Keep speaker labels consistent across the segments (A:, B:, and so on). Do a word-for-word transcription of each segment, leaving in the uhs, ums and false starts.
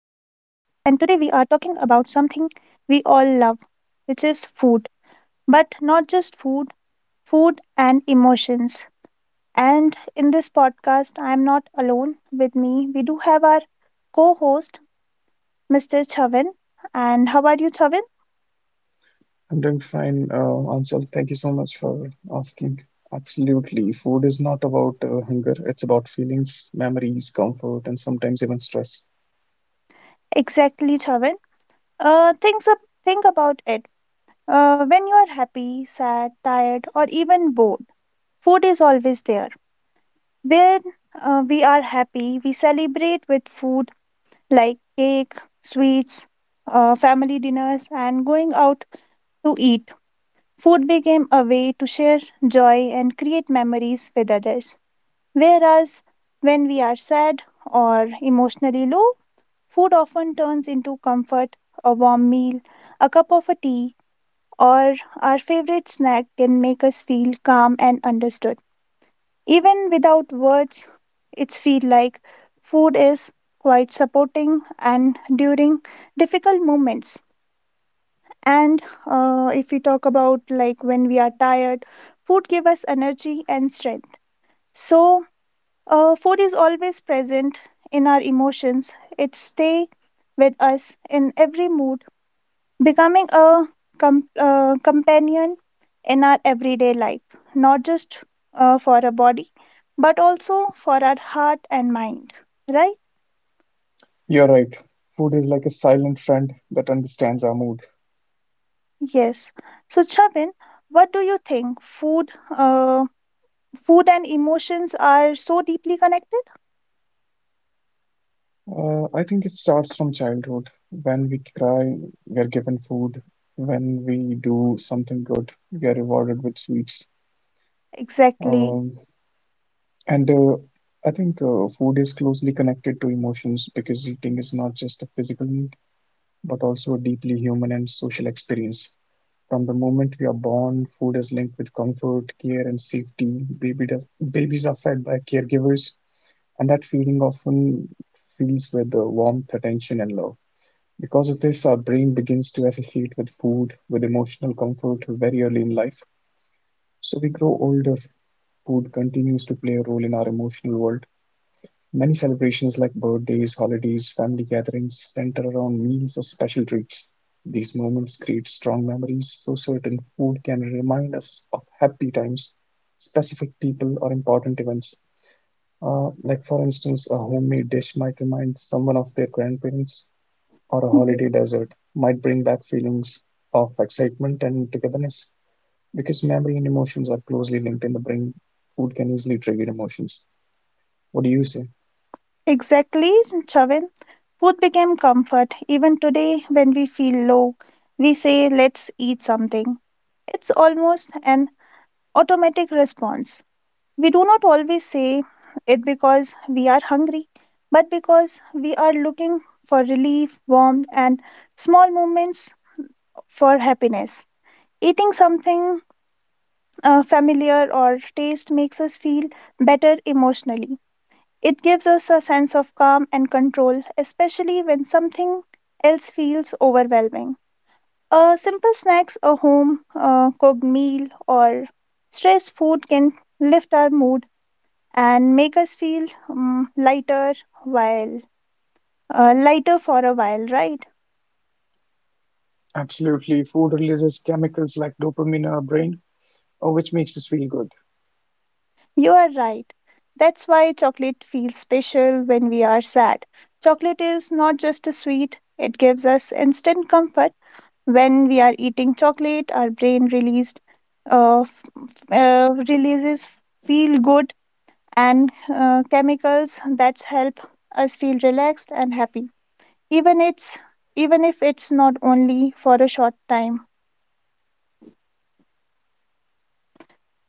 A: and today we are talking about something we all love, which is food. But not just food, food and emotions. And in this podcast, I am not alone. With me, we do have our co host, mister Chavin. And how are you, Chavin?
B: I'm doing fine, uh, Anshul. Thank you so much for asking. Absolutely. Food is not about uh, hunger, it's about feelings, memories, comfort, and sometimes even stress.
A: Exactly, Chavin. Uh, things up, think about it. Uh, when you are happy, sad, tired, or even bored, food is always there. Where uh, we are happy, we celebrate with food like cake, sweets, uh, family dinners, and going out to eat. Food became a way to share joy and create memories with others. Whereas when we are sad or emotionally low, food often turns into comfort, a warm meal, a cup of a tea, or our favorite snack can make us feel calm and understood. Even without words, it's feel like food is quite supporting and during difficult moments. And uh, if we talk about like when we are tired, food give us energy and strength. So uh, food is always present in our emotions. It stay with us in every mood becoming a com- uh, companion in our everyday life, not just uh, for our body, but also for our heart and mind, right?
B: You're right. Food is like a silent friend that understands our mood.
A: Yes. So, Chabin, what do you think? Food, uh, food and emotions are so deeply connected.
B: Uh, I think it starts from childhood. When we cry, we are given food. When we do something good, we are rewarded with sweets.
A: Exactly.
B: Um, and uh, I think uh, food is closely connected to emotions because eating is not just a physical need but also a deeply human and social experience. From the moment we are born, food is linked with comfort, care, and safety. Baby does, babies are fed by caregivers, and that feeling often fills with the warmth, attention, and love. Because of this, our brain begins to associate with food, with emotional comfort very early in life. So we grow older, food continues to play a role in our emotional world. Many celebrations like birthdays, holidays, family gatherings center around meals or special treats. These moments create strong memories, so certain food can remind us of happy times, specific people, or important events. Uh, like, for instance, a homemade dish might remind someone of their grandparents, or a
A: Mhm.
B: holiday dessert might bring back feelings of excitement and togetherness. Because memory and emotions are closely linked in the brain, food can easily trigger emotions. What do you say?
A: Exactly, Chavin. Food became comfort. Even today, when we feel low, we say, let's eat something. It's almost an automatic response. We do not always say it because we are hungry, but because we are looking for relief, warmth, and small moments for happiness. Eating something uh, familiar or taste makes us feel better emotionally. It gives us a sense of calm and control, especially when something else feels overwhelming. A simple snacks, a home uh, cooked meal, or stressed food can lift our mood and make us feel mm lighter while uh, lighter for a while, right?
B: Absolutely. Food releases chemicals like dopamine in our brain, uh, which makes us feel good.
A: You are right. That's why chocolate feels special when we are sad. Chocolate is not just a sweet, it gives us instant comfort. When we are eating chocolate, our brain released uh, f- f- uh, releases feel good and uh, chemicals that help us feel relaxed and happy, even it's even if it's not only for a short time.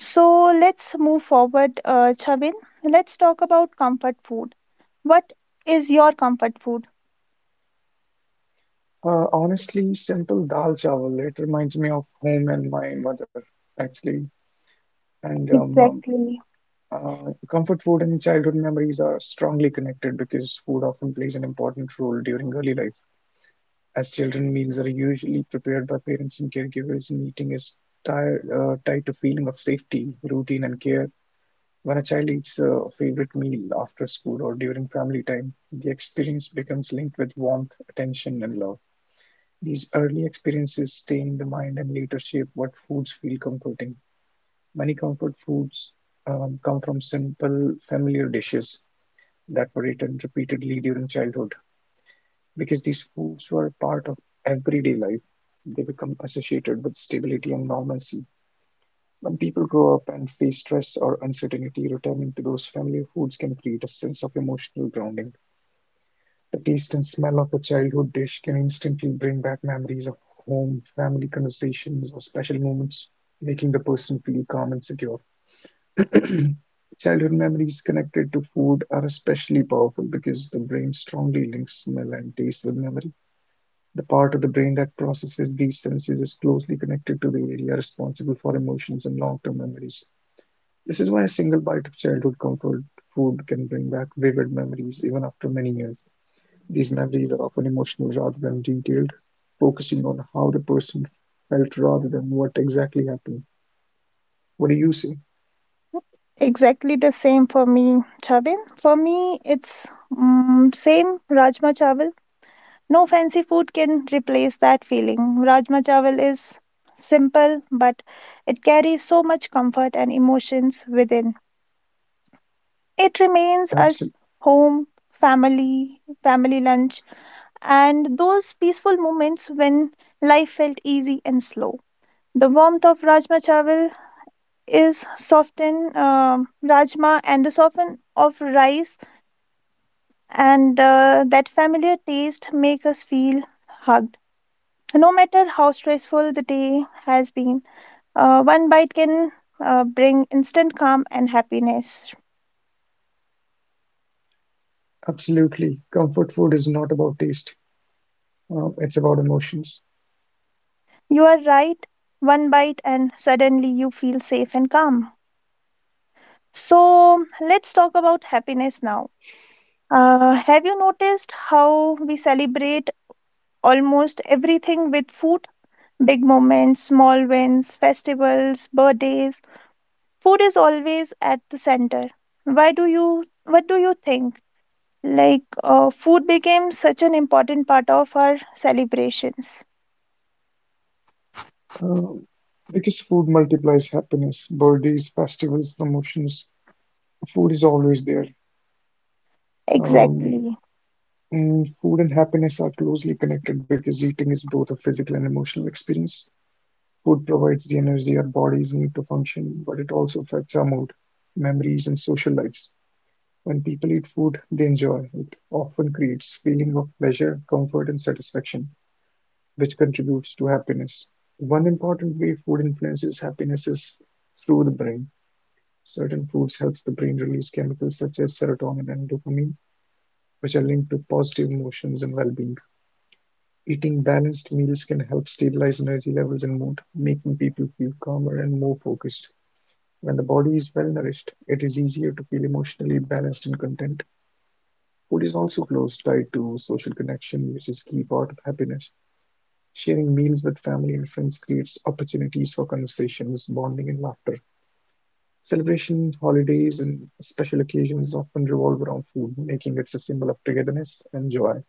A: So let's move forward, uh, Chavin. Let's talk about comfort food. What is your comfort food?
B: Uh, honestly, simple dal chawal. It reminds me of home and my mother, actually. And um, um,
A: Exactly.
B: uh, Comfort food and childhood memories are strongly connected because food often plays an important role during early life. As children, meals are usually prepared by parents and caregivers, and eating is tied, uh, tied to feeling of safety, routine, and care. When a child eats a favorite meal after school or during family time, the experience becomes linked with warmth, attention, and love. These early experiences stay in the mind and later shape what foods feel comforting. Many comfort foods um, come from simple, familiar dishes that were eaten repeatedly during childhood. Because these foods were part of everyday life, they become associated with stability and normalcy. When people grow up and face stress or uncertainty, returning to those familiar foods can create a sense of emotional grounding. The taste and smell of a childhood dish can instantly bring back memories of home, family conversations, or special moments, making the person feel calm and secure. Childhood memories connected to food are especially powerful because the brain strongly links smell and taste with memory. The part of the brain that processes these senses is closely connected to the area responsible for emotions and long term memories. This is why a single bite of childhood comfort food can bring back vivid memories even after many years. These memories are often emotional rather than detailed, focusing on how the person felt rather than what exactly happened. What do you say?
A: Exactly the same for me, Chavin. For me, it's mm same Rajma Chawal. No fancy food can replace that feeling. Rajma Chawal is simple, but it carries so much comfort and emotions within. It remains
B: Abs-
A: as home, family, family lunch, and those peaceful moments when life felt easy and slow. The warmth of Rajma Chawal is softened, um Rajma and the soften of rice and uh, that familiar taste make us feel hugged. No matter how stressful the day has been, uh, one bite can uh, bring instant calm and happiness.
B: Absolutely. Comfort food is not about taste, um, it's about emotions.
A: You are right. One bite, and suddenly you feel safe and calm. So, let's talk about happiness now. Uh, have you noticed how we celebrate almost everything with food? Big moments, small wins, festivals, birthdays. Food is always at the center. Why do you? What do you think? Like, uh, food became such an important part of our celebrations.
B: Um, because food multiplies happiness, birthdays, festivals, promotions, food is always there. Um,
A: Exactly.
B: Mm, food and happiness are closely connected because eating is both a physical and emotional experience. Food provides the energy our bodies need to function, but it also affects our mood, memories, and social lives. When people eat food they enjoy, it often creates feeling of pleasure, comfort, and satisfaction, which contributes to happiness. One important way food influences happiness is through the brain. Certain foods helps the brain release chemicals such as serotonin and dopamine, which are linked to positive emotions and well-being. Eating balanced meals can help stabilize energy levels and mood, making people feel calmer and more focused. When the body is well nourished, it is easier to feel emotionally balanced and content. Food is also close tied to social connection, which is key part of happiness. Sharing meals with family and friends creates opportunities for conversations, bonding, and laughter. Celebration, holidays, and special occasions often revolve around food, making it a symbol of togetherness and joy.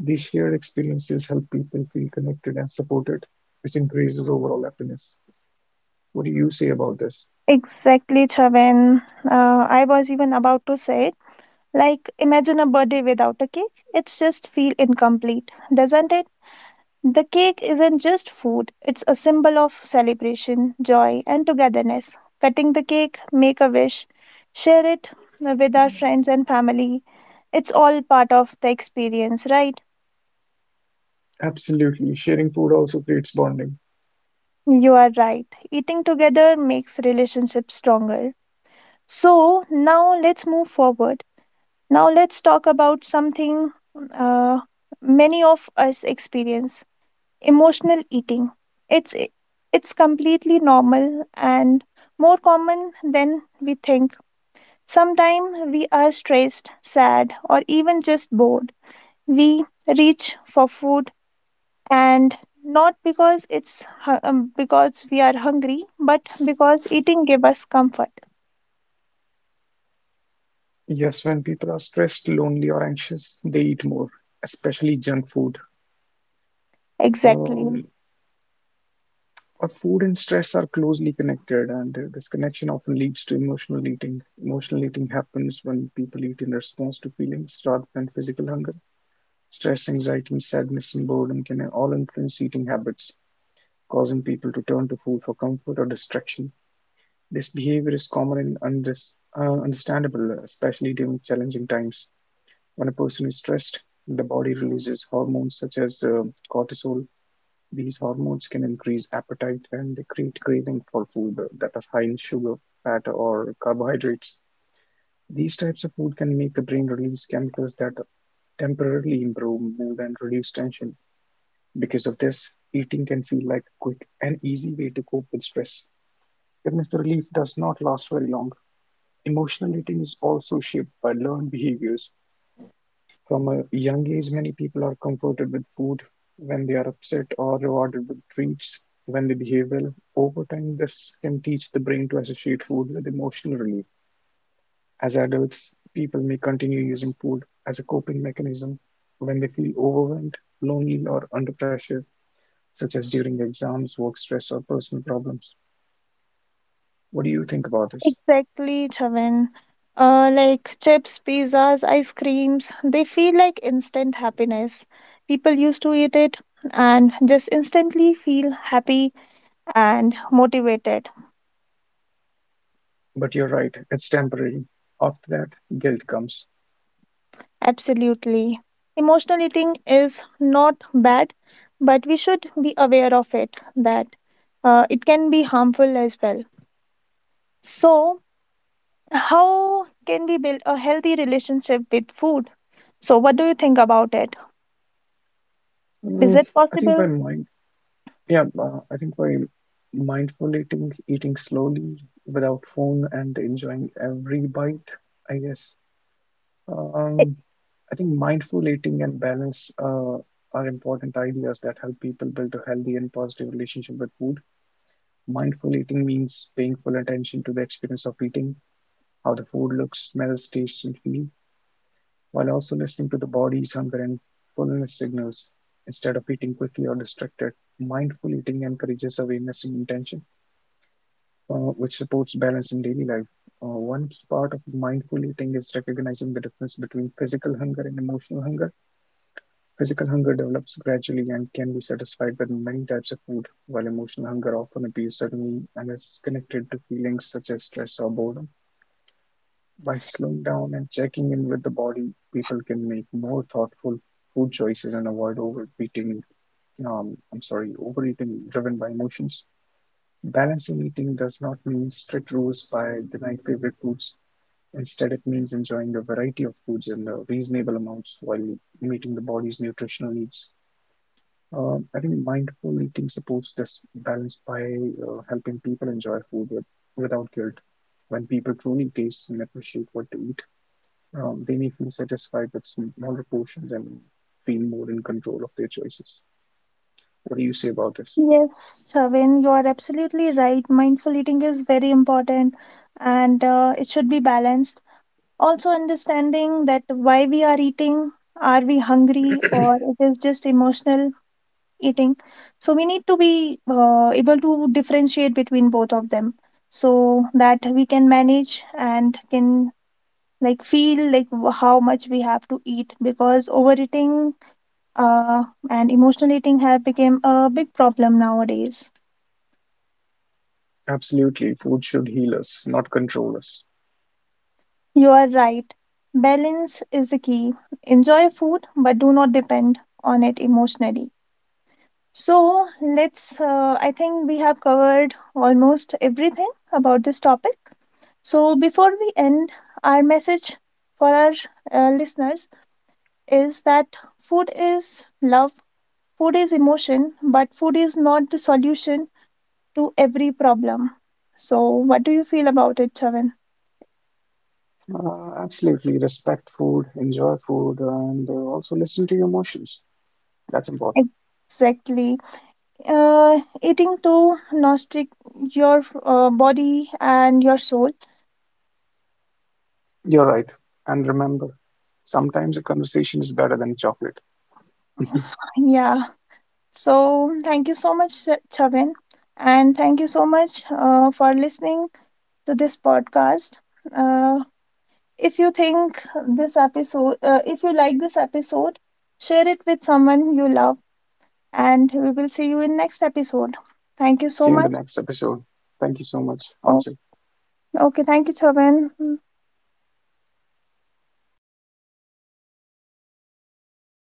B: These shared experiences help people feel connected and supported, which increases overall happiness. What do you say about this?
A: Exactly, Chavan. Uh, I was even about to say it. Like, imagine a birthday without a cake. It's just feel incomplete, doesn't it? The cake isn't just food. It's a symbol of celebration, joy, and togetherness. Cutting the cake, make a wish, share it with our friends and family. It's all part of the experience, right?
B: Absolutely. Sharing food also creates bonding.
A: You are right. Eating together makes relationships stronger. So, now let's move forward now let's talk about something uh, many of us experience emotional eating. It's it's completely normal and more common than we think. Sometimes we are stressed, sad, or even just bored. We reach for food and not because it's hu- um, because we are hungry, but because eating gives us comfort.
B: Yes, when people are stressed, lonely, or anxious, they eat more, especially junk food.
A: Exactly.
B: Um, uh, Food and stress are closely connected, and uh, this connection often leads to emotional eating. Emotional eating happens when people eat in response to feelings rather than physical hunger. Stress, anxiety, sadness, and boredom can all influence eating habits, causing people to turn to food for comfort or distraction. This behavior is common and undis- uh, understandable, especially during challenging times. When a person is stressed, the body releases hormones such as uh, cortisol. These hormones can increase appetite and they create craving for food that are high in sugar, fat, or carbohydrates. These types of food can make the brain release chemicals that temporarily improve mood and reduce tension. Because of this, eating can feel like a quick and easy way to cope with stress. Even if the relief does not last very long, emotional eating is also shaped by learned behaviors. From a young age, many people are comforted with food when they are upset or rewarded with treats when they behave well. Over time, this can teach the brain to associate food with emotional relief. As adults, people may continue using food as a coping mechanism when they feel overwhelmed, lonely, or under pressure, such as during exams, work stress, or personal problems. What do you think about this?
A: Exactly, Chavan. Uh, like chips, pizzas, ice creams, they feel like instant happiness. People used to eat it and just instantly feel happy and motivated.
B: But you're right, it's temporary. After that, guilt comes.
A: Absolutely. Emotional eating is not bad, but we should be aware of it that uh, it can be harmful as well. So, how can we build a healthy relationship with food? So, what do you think about it? Is
B: Mm,
A: it
B: I think by
A: possible?
B: mind, Yeah, uh, I think by mindful eating, eating slowly without phone and enjoying every bite, I guess.
A: It-
B: Um, I think mindful eating and balance uh, are important ideas that help people build a healthy and positive relationship with food. Mindful eating means paying full attention to the experience of eating, how the food looks, smells, tastes, and feels while also listening to the body's hunger and fullness signals. Instead of eating quickly or distracted, mindful eating encourages awareness and intention, uh, which supports balance in daily life. Uh, One key part of mindful eating is recognizing the difference between physical hunger and emotional hunger. Physical hunger develops gradually and can be satisfied with many types of food, while emotional hunger often appears suddenly and is connected to feelings such as stress or boredom. By slowing down and checking in with the body, people can make more thoughtful food choices and avoid overeating, um, I'm sorry, overeating driven by emotions. Balancing eating does not mean strict rules by denying favorite foods. Instead, it means enjoying a variety of foods in uh, reasonable amounts while meeting the body's nutritional needs. Um, I think mindful eating supports this balance by uh, helping people enjoy food with, without guilt. When people truly taste and appreciate what they eat, um, they may feel satisfied with smaller portions and feel more in control of their choices. What do you say about this?
A: Yes, Shavin, you are absolutely right. Mindful eating is very important and uh, it should be balanced. Also understanding that why we are eating, are we hungry or it is just emotional eating, so we need to be uh, able to differentiate between both of them so that we can manage and can like feel like w- how much we have to eat, because overeating uh, and emotional eating have become a big problem nowadays.
B: Absolutely, food should heal us, not control us.
A: You are right, balance is the key. Enjoy food but do not depend on it emotionally. So let's, uh, I think we have covered almost everything about this topic. So before we end, our message for our uh, listeners is that food is love, food is emotion, but food is not the solution to every problem. So, what do you feel about it, Chavan?
B: Uh, absolutely, respect food, enjoy food, and uh, also listen to your emotions. That's important.
A: Exactly. Uh, eating to nourish your uh, body and your soul.
B: You're right. And remember, sometimes a conversation is better than chocolate.
A: Yeah. So, thank you so much, Ch- Chavin, and thank you so much uh, for listening to this podcast. Uh, if you think this episode, uh, if you like this episode, share it with someone you love, and we will see you in next episode. Thank you
B: See you
A: so
B: in the
A: much.
B: next episode. Thank you so much,
A: Oh,
B: Ansel.
A: okay, thank you, Chavin.